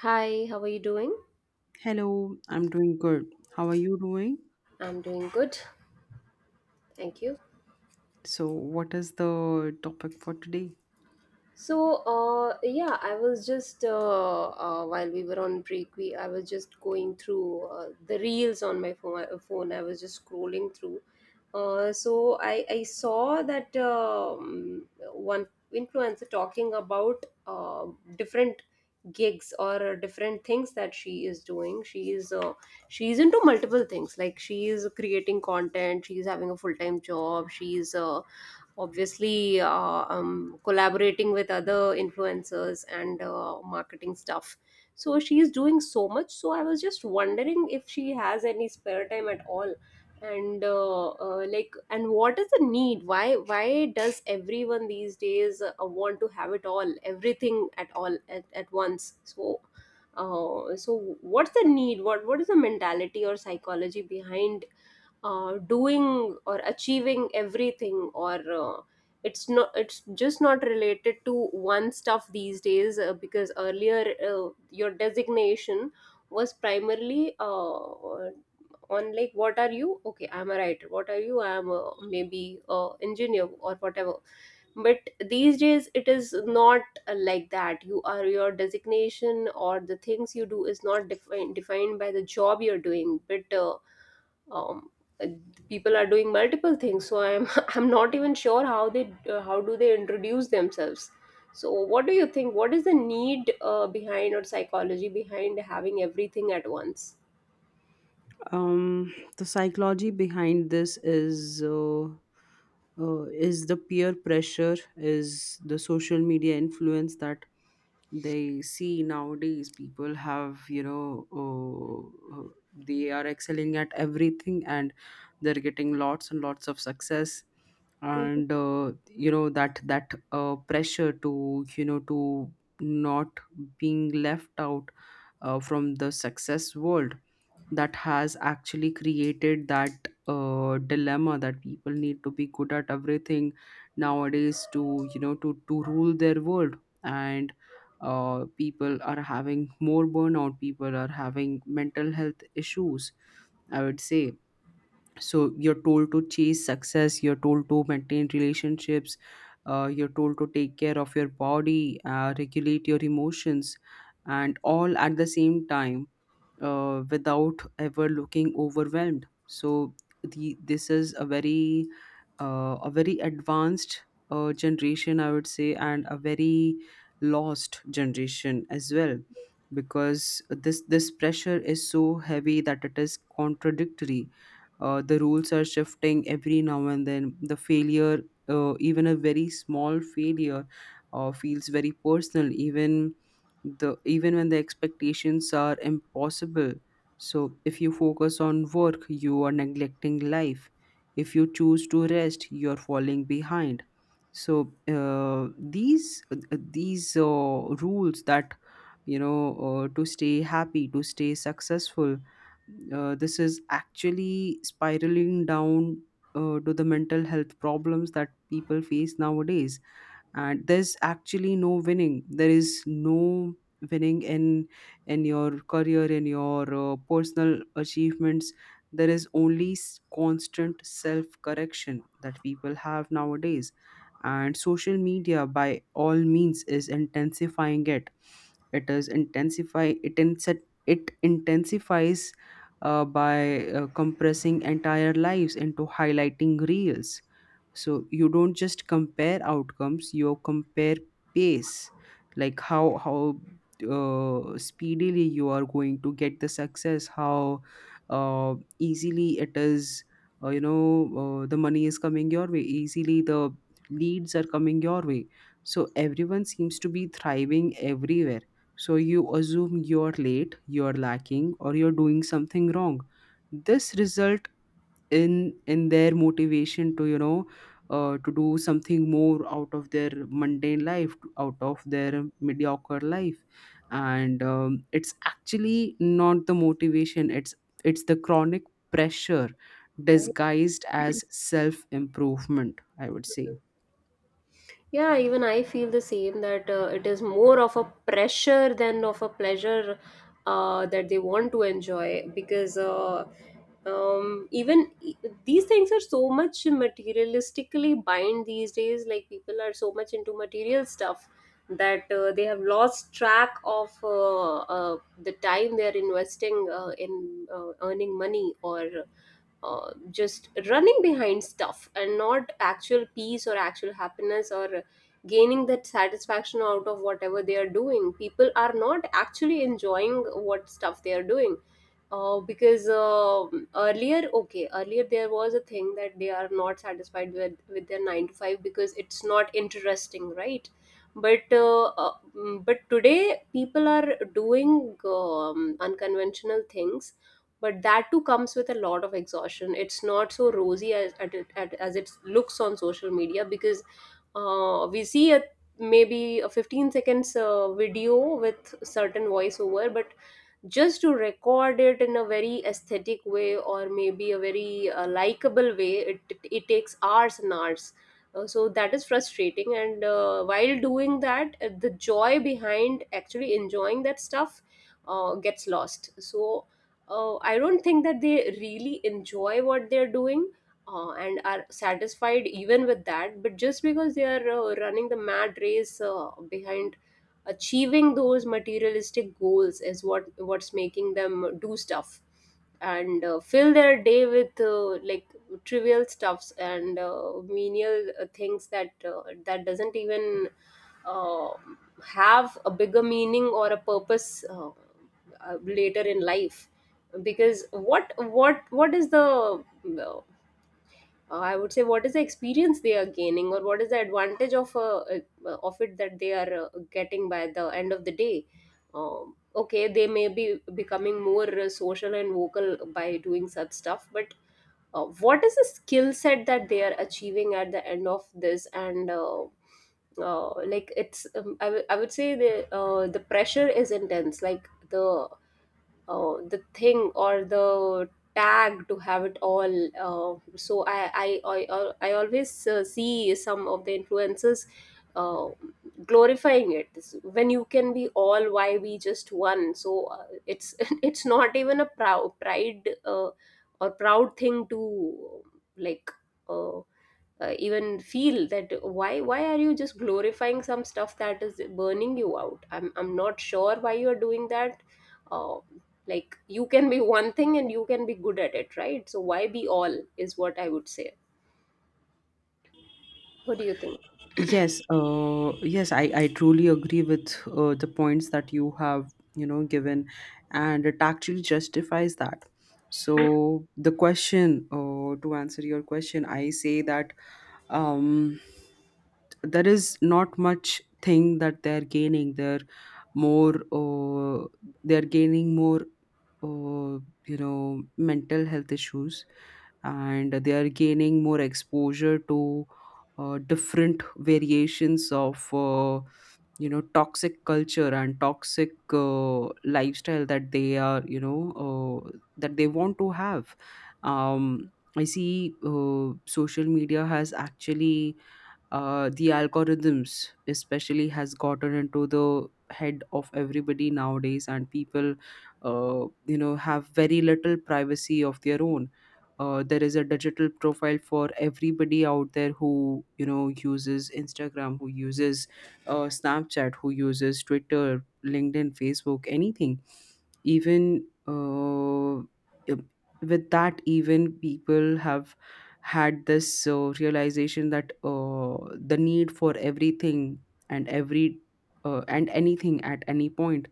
Hi, how are you doing? Hello, I'm doing good. How are you doing? I'm doing good. Thank you. So, what is the topic for today? So, yeah, I was just while we were on break, we I was just going through the reels on my phone. I was just scrolling through. So I saw that one influencer talking about different gigs or different things that she is doing. She is into multiple things. Like she is creating content. She is having a full time job. She is obviously collaborating with other influencers and marketing stuff, so she is doing so much. So I was just wondering if she has any spare time at all. And like, and what is the need, why does everyone these days want to have it all, everything at all at once. So, so what's the need, what is the mentality or psychology behind doing or achieving everything, or it's not, it's just not related to one stuff these days, because earlier your designation was primarily on, like, what are you? Okay, I'm a writer. What are you? I'm maybe a engineer or whatever. But these days it is not like that. You are, your designation or the things you do is not defined by the job you're doing, but um uh, people are doing multiple things, so I'm I'm not even sure how they how do they introduce themselves. So what do you think? What is the need behind, or psychology behind having everything at once? The psychology behind this is the peer pressure, is the social media influence that they see nowadays. People have, you know, they are excelling at everything and they're getting lots and lots of success. Mhm. And you know, that pressure to, you know, to not being left out from the success world, that has actually created that dilemma that people need to be good at everything nowadays to, you know, to rule their world. And people are having more burnout, people are having mental health issues, I would say. So you're told to chase success, you're told to maintain relationships, you're told to take care of your body, regulate your emotions, and all at the same time, without ever looking overwhelmed. So this is a very advanced generation, I would say, and a very lost generation as well, because this pressure is so heavy that it is contradictory. The rules are shifting every now and then. The failure, even a very small failure, feels very personal. Even when the expectations are impossible. So if you focus on work, you are neglecting life. If you choose to rest, you're falling behind. So these rules that, you know, to stay happy, to stay successful, this is actually spiraling down to the mental health problems that people face nowadays. And there's actually no winning, there is no winning in your career, in your personal achievements. There is only constant self correction that people have nowadays. And social media by all means is intensifying it. It is intensify it inset it intensifies by compressing entire lives into highlighting reels. So you don't just compare outcomes, you compare pace. Like how speedily you are going to get the success, how easily it is, you know, the money is coming your way easily, the leads are coming your way. So everyone seems to be thriving everywhere, so you assume you're late, you're lacking, or you're doing something wrong. This result in their motivation to, you know, to do something more out of their mundane life, out of their mediocre life. And it's actually not the motivation, it's the chronic pressure Right. disguised as self improvement, I would say. Yeah, even I feel the same, that it is more of a pressure than of a pleasure that they want to enjoy, because um even e- these things are so much materialistically bind these days, like people are so much into material stuff, that they have lost track of the time they are investing in earning money, or just running behind stuff, and not actual peace or actual happiness, or gaining that satisfaction out of whatever they are doing. People are not actually enjoying what stuff they are doing, because earlier, earlier there was a thing that they are not satisfied with their nine to five, because it's not interesting, right? But but today people are doing unconventional things, but that too comes with a lot of exhaustion. It's not so rosy as, as it looks on social media, because we see a maybe a 15 seconds video with certain voiceover, but just to record it in a very aesthetic way, or maybe a very likable way, it takes hours and hours. So that is frustrating, and while doing that, the joy behind actually enjoying that stuff gets lost. So I don't think that they really enjoy what they're doing, and are satisfied even with that, but just because they are running the mad race, behind achieving those materialistic goals, is what's making them do stuff, and fill their day with, like, trivial stuffs, and menial things that that doesn't even uh, have a bigger meaning or a purpose, later in life. Because what is the uh, I would say, what is the experience they are gaining, or what is the advantage of it that they are getting by the end of the day. Okay, they may be becoming more social and vocal by doing such stuff, but what is the skill set that they are achieving at the end of this? And like, I would say, the pressure is intense, like the thing or the tag to have it all. Uh, so i i i, uh, I always see some of the influencers, uh, glorifying it. When you can be all, why we just one? So, it's it's not even a proud pride, or proud thing to, like, uh, even feel that. Why are you just glorifying some stuff that is burning you out? I'm not sure why you are doing that, uh, like, you can be one thing and you can be good at it, right? So why be all, is what I would say. What do you think? Yes, yes, I truly agree with the points that you have, you know, given, and it actually justifies that. So the question, to answer your question, I say that um, there is not much thing that they're gaining. They're more, they're gaining more, uh, you know, mental health issues, and they are gaining more exposure to different variations of you know, toxic culture and toxic lifestyle that they are, you know, that they want to have. um, I see social media has actually the algorithms especially has gotten into the head of everybody nowadays, and people you know, have very little privacy of their own. Uh, there is a digital profile for everybody out there, who, you know, uses Instagram, who uses Snapchat, who uses Twitter, LinkedIn, Facebook, anything. Even with that, even people have had this realization that the need for everything and every and anything at any point,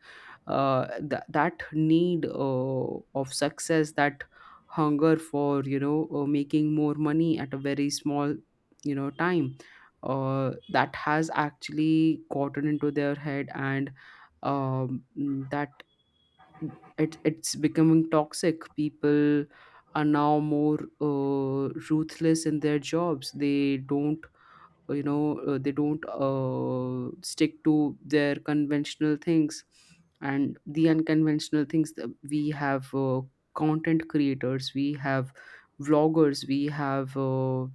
that need of success, that hunger for, you know, making more money at a very small, you know, time, that has actually gotten into their head. And um, that, it, it's becoming toxic. People are now more ruthless in their jobs. They don't, you know, they don't stick to their conventional things. And the unconventional things that we have, content creators, we have vloggers, we have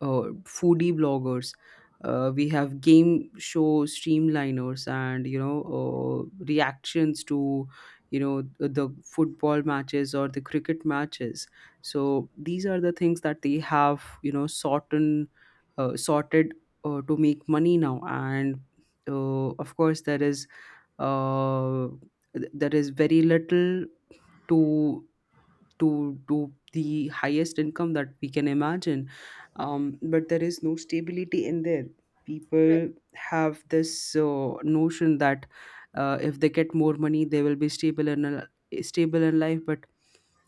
uh, foodie bloggers, we have game show streamliners, and, you know, reactions to, you know, the football matches or the cricket matches. So these are the things that they have, you know, sorted to make money now. And of course, there is uh, there is very little to to the highest income that we can imagine. Um, but there is no stability in there. People have this notion that if they get more money they will be stable stable in life. But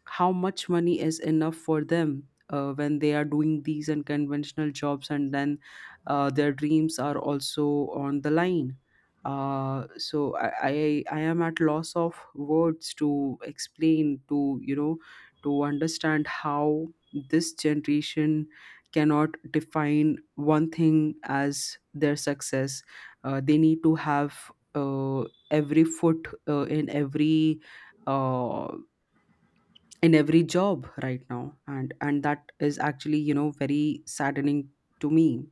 how much money is enough for them when they are doing these unconventional jobs? And then their dreams are also on the line. Uh, so I am at loss of words to explain, to you know, to understand how this generation cannot define one thing as their success. They need to have every foot uh, in every job right now. And that is actually, you know, very saddening to me.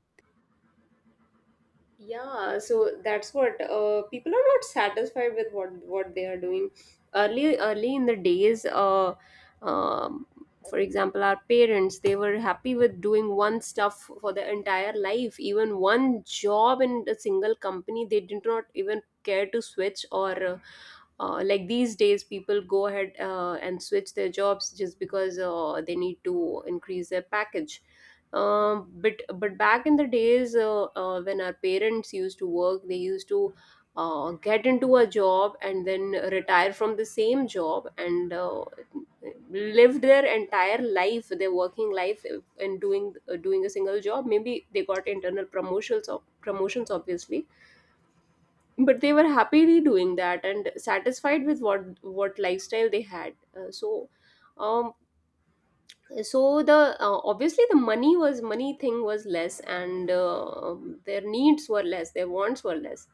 Yeah, so that's what, people are not satisfied with what they are doing. Early in the days, um, for example, our parents, they were happy with doing one stuff for their entire life, even one job in a single company. They did not even care to switch, or like, these days people go ahead and switch their jobs just because they need to increase their package. But back in the days, when our parents used to work, they used to get into a job and then retire from the same job, and lived their entire life, their working life, in doing, doing a single job. Maybe they got internal promotions, or promotions obviously, but they were happily doing that and satisfied with what lifestyle they had. Uh, so um so the obviously, the money thing was less, and their needs were less, their wants were less,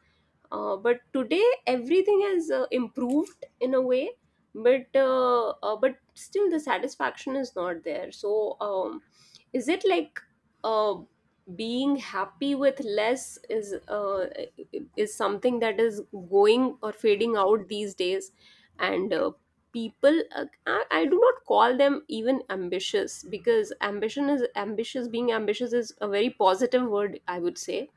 but today everything has improved in a way, but still the satisfaction is not there, so is it like uh, being happy with less is something that is going or fading out these days, and people, I do not call them even ambitious, because ambition is ambitious, being ambitious is a very positive word, I would say.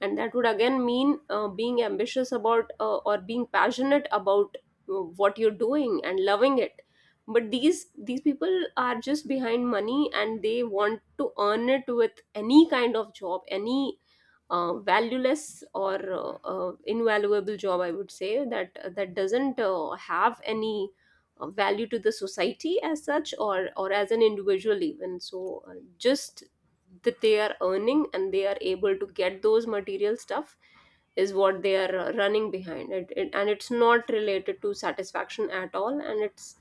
And that would again mean being ambitious about, or being passionate about what you're doing and loving it. But these people are just behind money, and they want to earn it with any kind of job, any valueless, or invaluable job, I would say, that doesn't have any value to the society as such, or as an individual even. So just that they are earning and they are able to get those material stuff is what they are running behind it. And it's not related to satisfaction at all, and it's,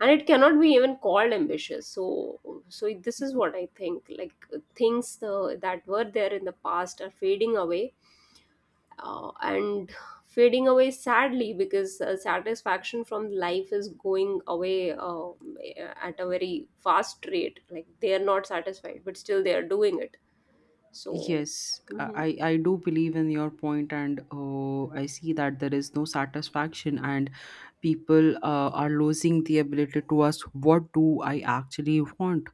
and it cannot be even called ambitious. So this is what I think, like things that were there in the past are fading away, and fading away sadly, because satisfaction from life is going away, at a very fast rate, like they are not satisfied, but still they are doing it. So, Yes, Hmm. I do believe in your point. And I see that there is no satisfaction, and people are losing the ability to ask, what do I actually want?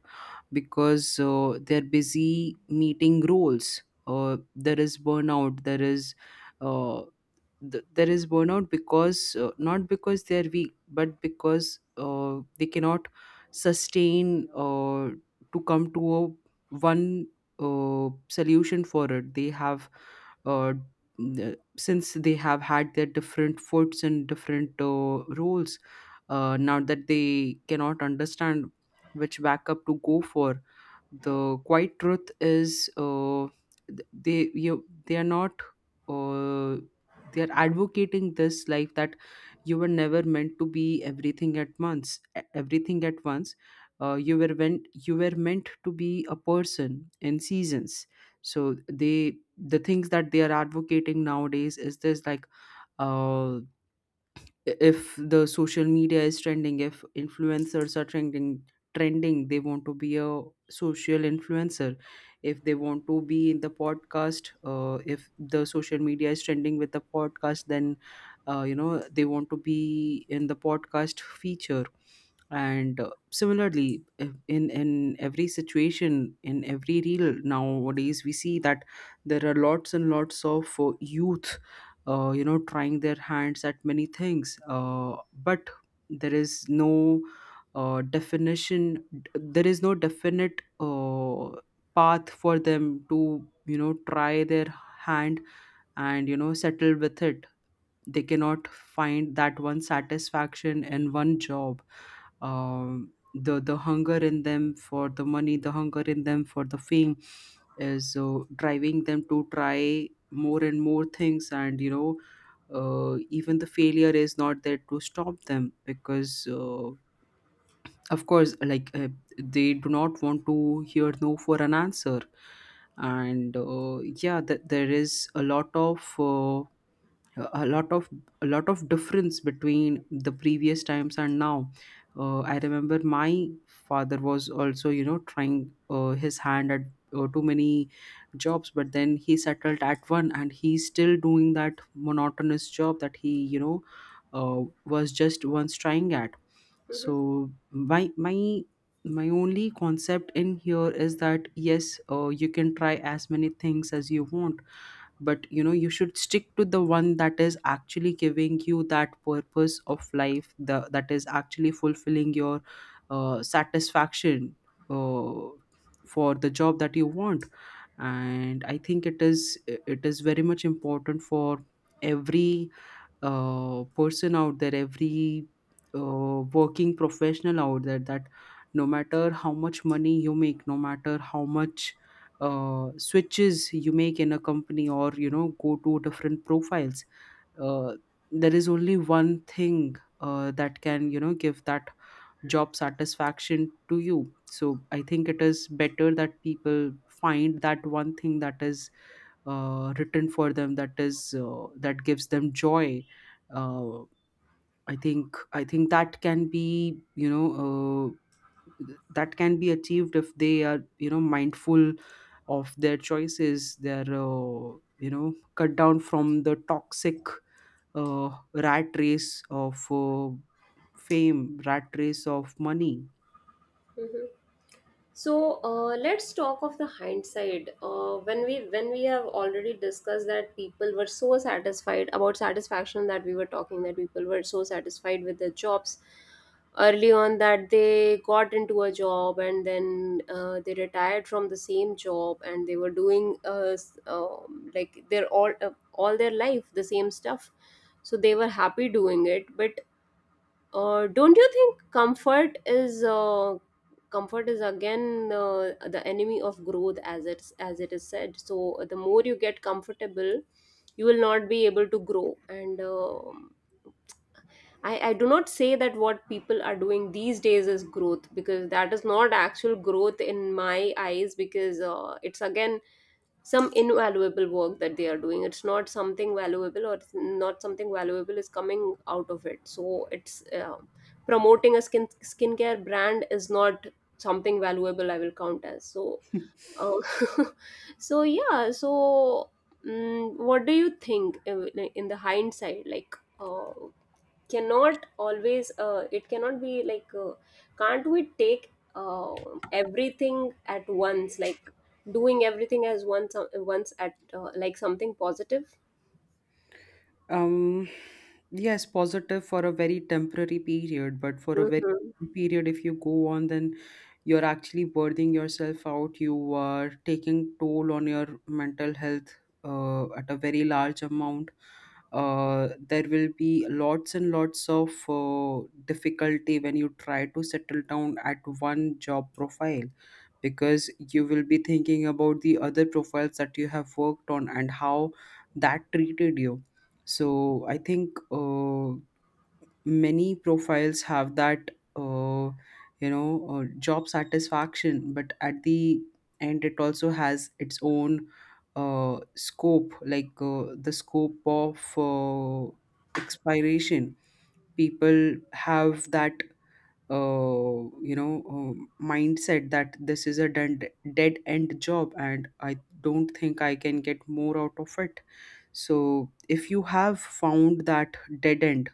Because they're busy meeting roles. Uh, there is burnout, there is uh, there is burnout because not because they are weak, but because they cannot sustain to come to a one solution for it. They have since they have had their different foods and different roles, now that they cannot understand which backup to go for. The quiet truth is they are not uh, they are advocating this life, that you were never meant to be everything at once. Uh, you were meant, you were meant to be a person in seasons. So they, the things that they are advocating nowadays is this, like uh, if the social media is trending, if influencers are trending they want to be a social influencer. If they want to be in the podcast, if the social media is trending with the podcast, then you know, they want to be in the podcast feature. And similarly, in every situation, in every reel nowadays we see that there are lots and lots of youth you know, trying their hands at many things. Uh, but there is no definition, there is no definite path for them to, you know, try their hand and, you know, settle with it. They cannot find that one satisfaction in one job. Um, the hunger in them for the money, the hunger in them for the fame is driving them to try more and more things. And, you know, even the failure is not there to stop them, because of course, like they do not want to hear no for an answer. And yeah, there is a lot of uh, a lot of a lot of difference between the previous times and now. Uh, I remember my father was also, you know, trying his hand at too many jobs, but then he settled at one, and he's still doing that monotonous job that he, you know, was just once trying at. Mhm, So my only concept in here is that, yes, you can try as many things as you want, but you know, you should stick to the one that is actually giving you that purpose of life, the that is actually fulfilling your satisfaction uh, for the job that you want. And I think it is, it is very much important for every person out there, every working professional out there, that no matter how much money you make, no matter how much switches you make in a company, or you know, go to different profiles, uh, there is only one thing that can, you know, give that job satisfaction to you. So I think it is better that people find that one thing that is written for them, that is that gives them joy. Uh, i think i think that can be that can be achieved if they are, you know, mindful of their choices, they're you know, cut down from the toxic rat race of fame, rat race of money. mhm. So, let's talk of the hindsight. When we have already discussed that people were so satisfied about satisfaction, that we were talking, that people were so satisfied with their jobs early on, that they got into a job and then they retired from the same job, and they were doing, like, their all their life the same stuff. So they were happy doing it. But don't you think comfort is, comfort is again the enemy of growth, as it is said? So the more you get comfortable, you will not be able to grow, and I do not say that what people are doing these days is growth, because that is not actual growth in my eyes, because it's again some invaluable work that they are doing, it's not something valuable, or it's not something valuable is coming out of it. So it's, promoting a skincare brand is not something valuable, I will count as. So uh, so, yeah, so, what do you think, in the hindsight, like, cannot always, it cannot be like, can't we take, everything at once, like doing everything as once, once at, like, something positive? um yes, positive for a very temporary period, but for a very Hmm. period if you go on, then you're actually burning yourself out, you are taking toll on your mental health at a very large amount. There will be lots and lots of difficulty when you try to settle down at one job profile, because you will be thinking about the other profiles that you have worked on and how that treated you. So I think, many profiles have that uh, job satisfaction, but at the end it also has its own scope, like the scope of expiration. People have that uh, you know mindset that this is a dead end job and I don't think I can get more out of it. So if you have found that dead end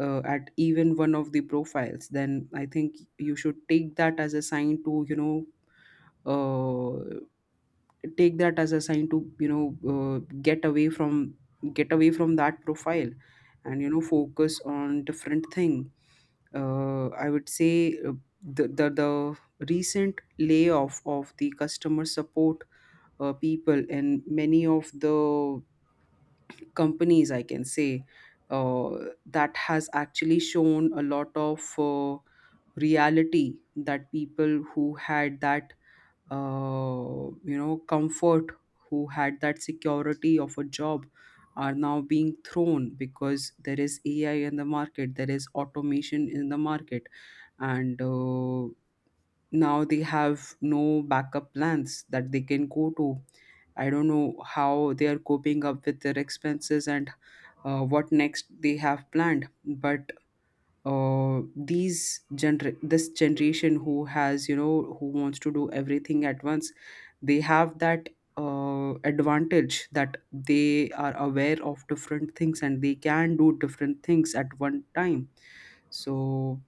at even one of the profiles, then I think you should take that as a sign to uh, take that as a sign to, you know, uh, get away from get away from that profile, and you know, focus on different thing. I would say, the recent layoff of the customer support people in many of the companies, I can say, uh, that has actually shown a lot of reality, that people who had that you know, comfort, who had that security of a job, are now being thrown because there is ai in the market, there is automation in the market, and now they have no backup plans that they can go to. I don't know how they are coping up with their expenses and what next they have planned. But this generation who has, you know, who wants to do everything at once, they have that advantage that they are aware of different things and they can do different things at one time. So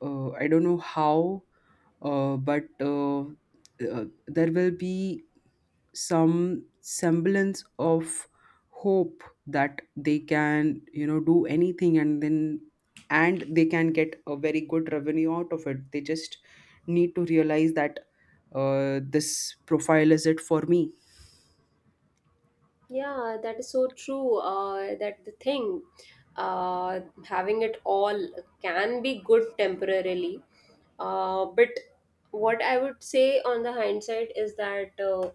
I don't know how, but there will be some semblance of hope that they can, you know, do anything, and then and they can get a very good revenue out of it. They just need to realize that this profile is it for me. Yeah, that is so true. That the thing, uh, having it all can be good temporarily. But what I would say on the hindsight is that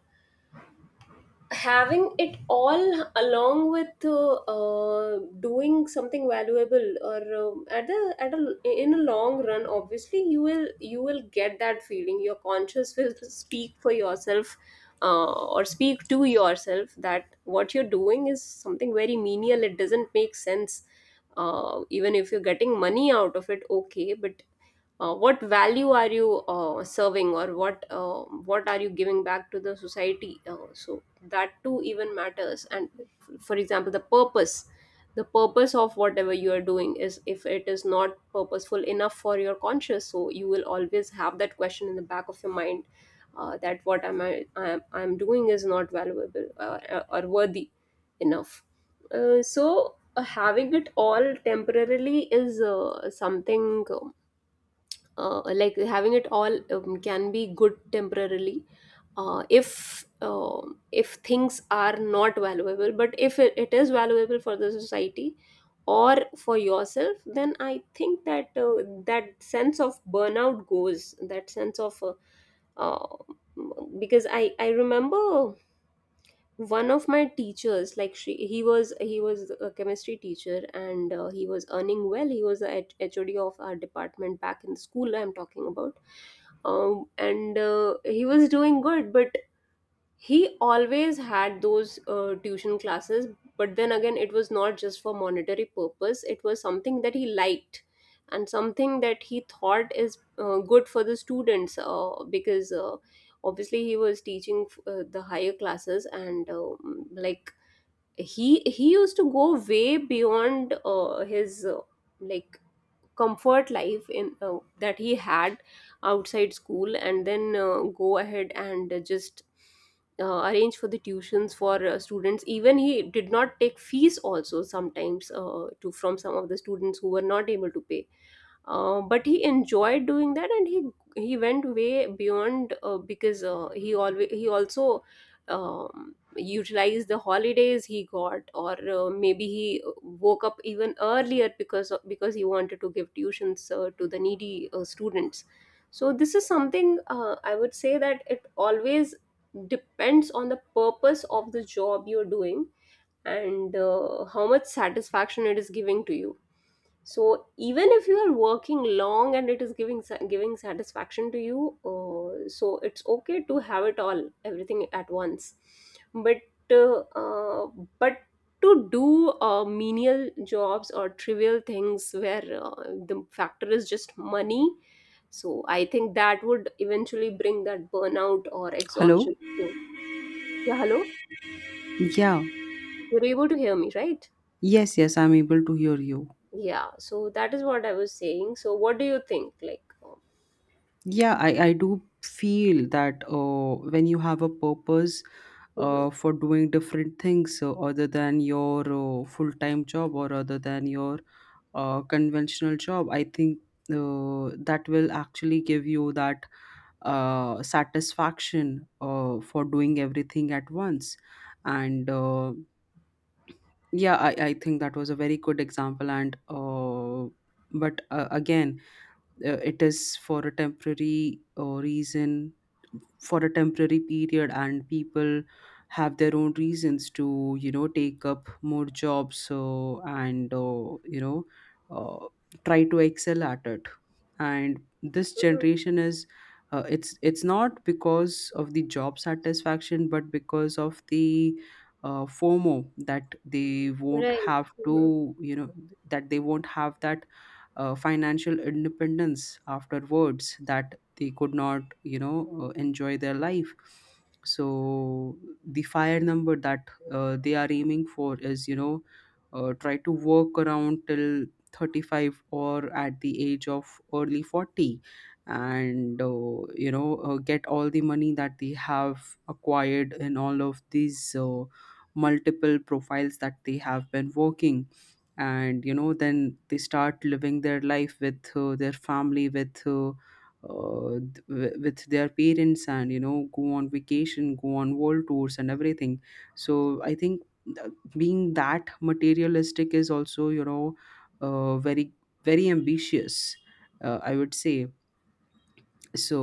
having it all along with doing something valuable or at the at a in a long run, obviously you will get that feeling. Your conscious will speak for yourself, or speak to yourself that what you're doing is something very menial, it doesn't make sense, even if you're getting money out of it, okay, but what value are you serving, or what are you giving back to the society? So that too even matters. And for example, the purpose, the purpose of whatever you are doing, is if it is not purposeful enough for your conscious, so you will always have that question in the back of your mind, that what am I'm doing is not valuable or worthy enough. Having it all temporarily is something, like having it all, can be good temporarily if things are not valuable. But if it is valuable for the society or for yourself, then I think that that sense of burnout goes, that sense of uh, because i remember one of my teachers. Like she he was a chemistry teacher, and he was earning well. He was the hod of our department back in the school I'm talking about. And He was doing good, but he always had those tuition classes. But then again, it was not just for monetary purpose, it was something that he liked and something that he thought is good for the students, because obviously he was teaching the higher classes, and like he used to go way beyond his like comfort life in that he had outside school, and then go ahead and just arrange for the tuitions for students. Even he did not take fees also sometimes, to from some of the students who were not able to pay, but he enjoyed doing that. And he went way beyond because he always, he also utilized the holidays he got, or maybe he woke up even earlier because he wanted to give tuitions to the needy students. So this is something I would say that it always depends on the purpose of the job you're doing, and how much satisfaction it is giving to you. So even if you are working long and it is giving giving satisfaction to you, so it's okay to have it all, everything at once. But uh, uh, but to do menial jobs or trivial things where the factor is just money, so I think that would eventually bring that burnout or exhaustion Hello? to you. Yeah, hello. Yeah. You're able to hear me, right? Yes, yes, I'm able to hear you. Yeah. So that is what I was saying. So what do you think? Like. Yeah, I do feel that when you have a purpose Mhm. For doing different things other than your full-time job or other than your conventional job, I think that will actually give you that satisfaction for doing everything at once. And yeah, I think that was a very good example. And but again, it is for a temporary reason, for a temporary period, and people have their own reasons to, you know, take up more jobs. So and uh, try to excel at it. And this generation is it's not because of the job satisfaction, but because of the FOMO, that they won't Right. have Mhm. to, you know, that they won't have that financial independence afterwards, that they could not, enjoy their life. So the fire number that they are aiming for is, you know, try to work around till 35 or at the age of early 40, and get all the money that they have acquired in all of these multiple profiles that they have been working. And you know, then they start living their life with their family, with with their parents, and you know, go on vacation, go on world tours, and everything. So being that materialistic is also, you know, very, very ambitious, I would say.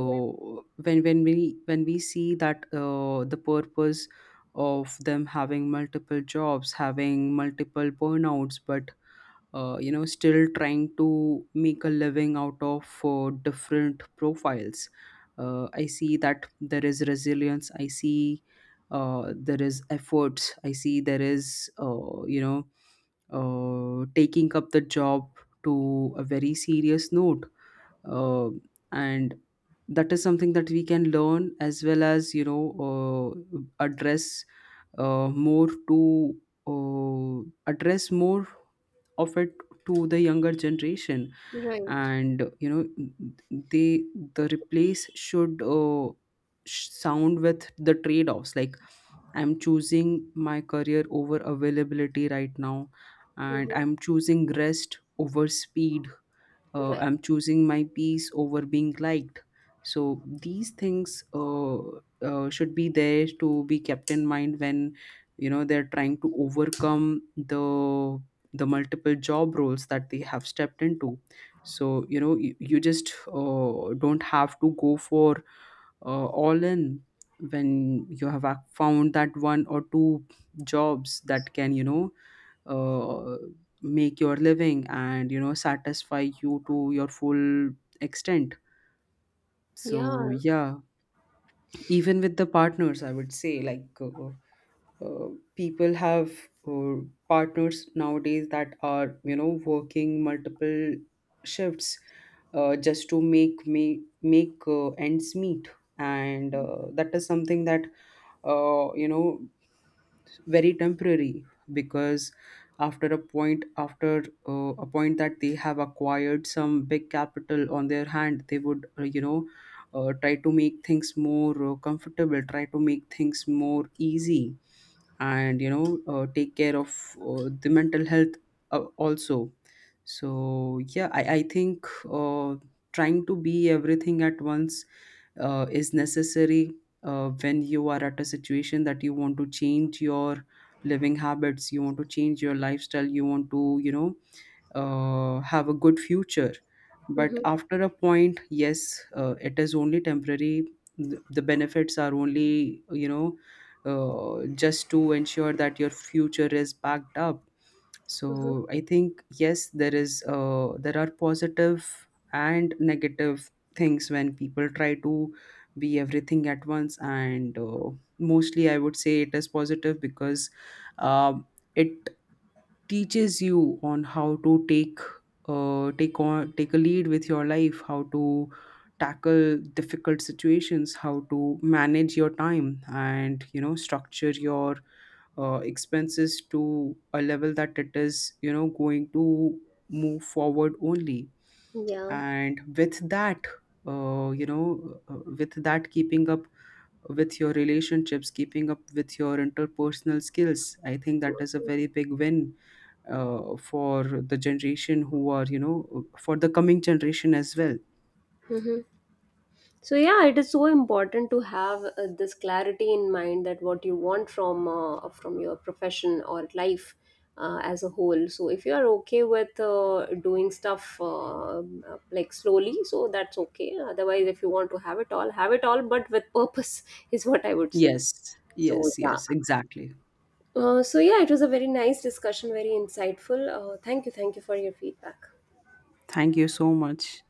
Yeah. when we see that the purpose of them having multiple jobs, having multiple burnouts, but you know, still trying to make a living out of different profiles, I see that there is resilience, I see there is efforts, I see there is, taking up the job to a very serious note. uh, and that is something that we can learn as well as, you know, address more to address more of it to the younger generation. Right. And you know, they the replace should sound with the trade offs, like, I'm choosing my career over availability right now, and Mhm. I'm choosing rest over speed, Right. I'm choosing my peace over being liked. So these things should be there to be kept in mind when, you know, they're trying to overcome the the multiple job roles that they have stepped into. So you know, you just don't have to go for all in when you have found that one or two jobs that can, you know, uh, make your living and you know, satisfy you to your full extent. Yeah. So yeah, even with the partners I would say, like uh, people have uh, partners nowadays that are, you know, working multiple shifts just to make ends meet. And that is something that you know, very temporary, because after a point, after a point that they have acquired some big capital on their hand, they would try to make things more comfortable, try to make things more easy, and you know, take care of the mental health also. So yeah, I think uh, trying to be everything at once is necessary when you are at a situation that you want to change your living habits, you want to change your lifestyle, you want to, you know, have a good future. But Mhm. after a point, yes, it is only temporary. The benefits are only, you know, just to ensure that your future is backed up. Mhm. So I think yes, there is there are positive and negative things when people try to be everything at once. And mostly I would say it is positive, because um it teaches you on how to take take on take a lead with your life, how to tackle difficult situations, how to manage your time, and you know, structure your expenses to a level that it is, you know, going to move forward only. Yeah. And with that with that, keeping up with your relationships, keeping up with your interpersonal skills, I think that is a very big win for the generation who are, you know, for the coming generation as well. Mm-hmm. So yeah, it is so important to have this clarity in mind, that what you want from your profession or life as a whole. So if you are okay with doing stuff like slowly, so that's okay. Otherwise, if you want to have it all, but with purpose is what I would say. Yes. So yes yeah, yes exactly. So yeah, it was a very nice discussion, very insightful. Thank you for your feedback. Thank you so much.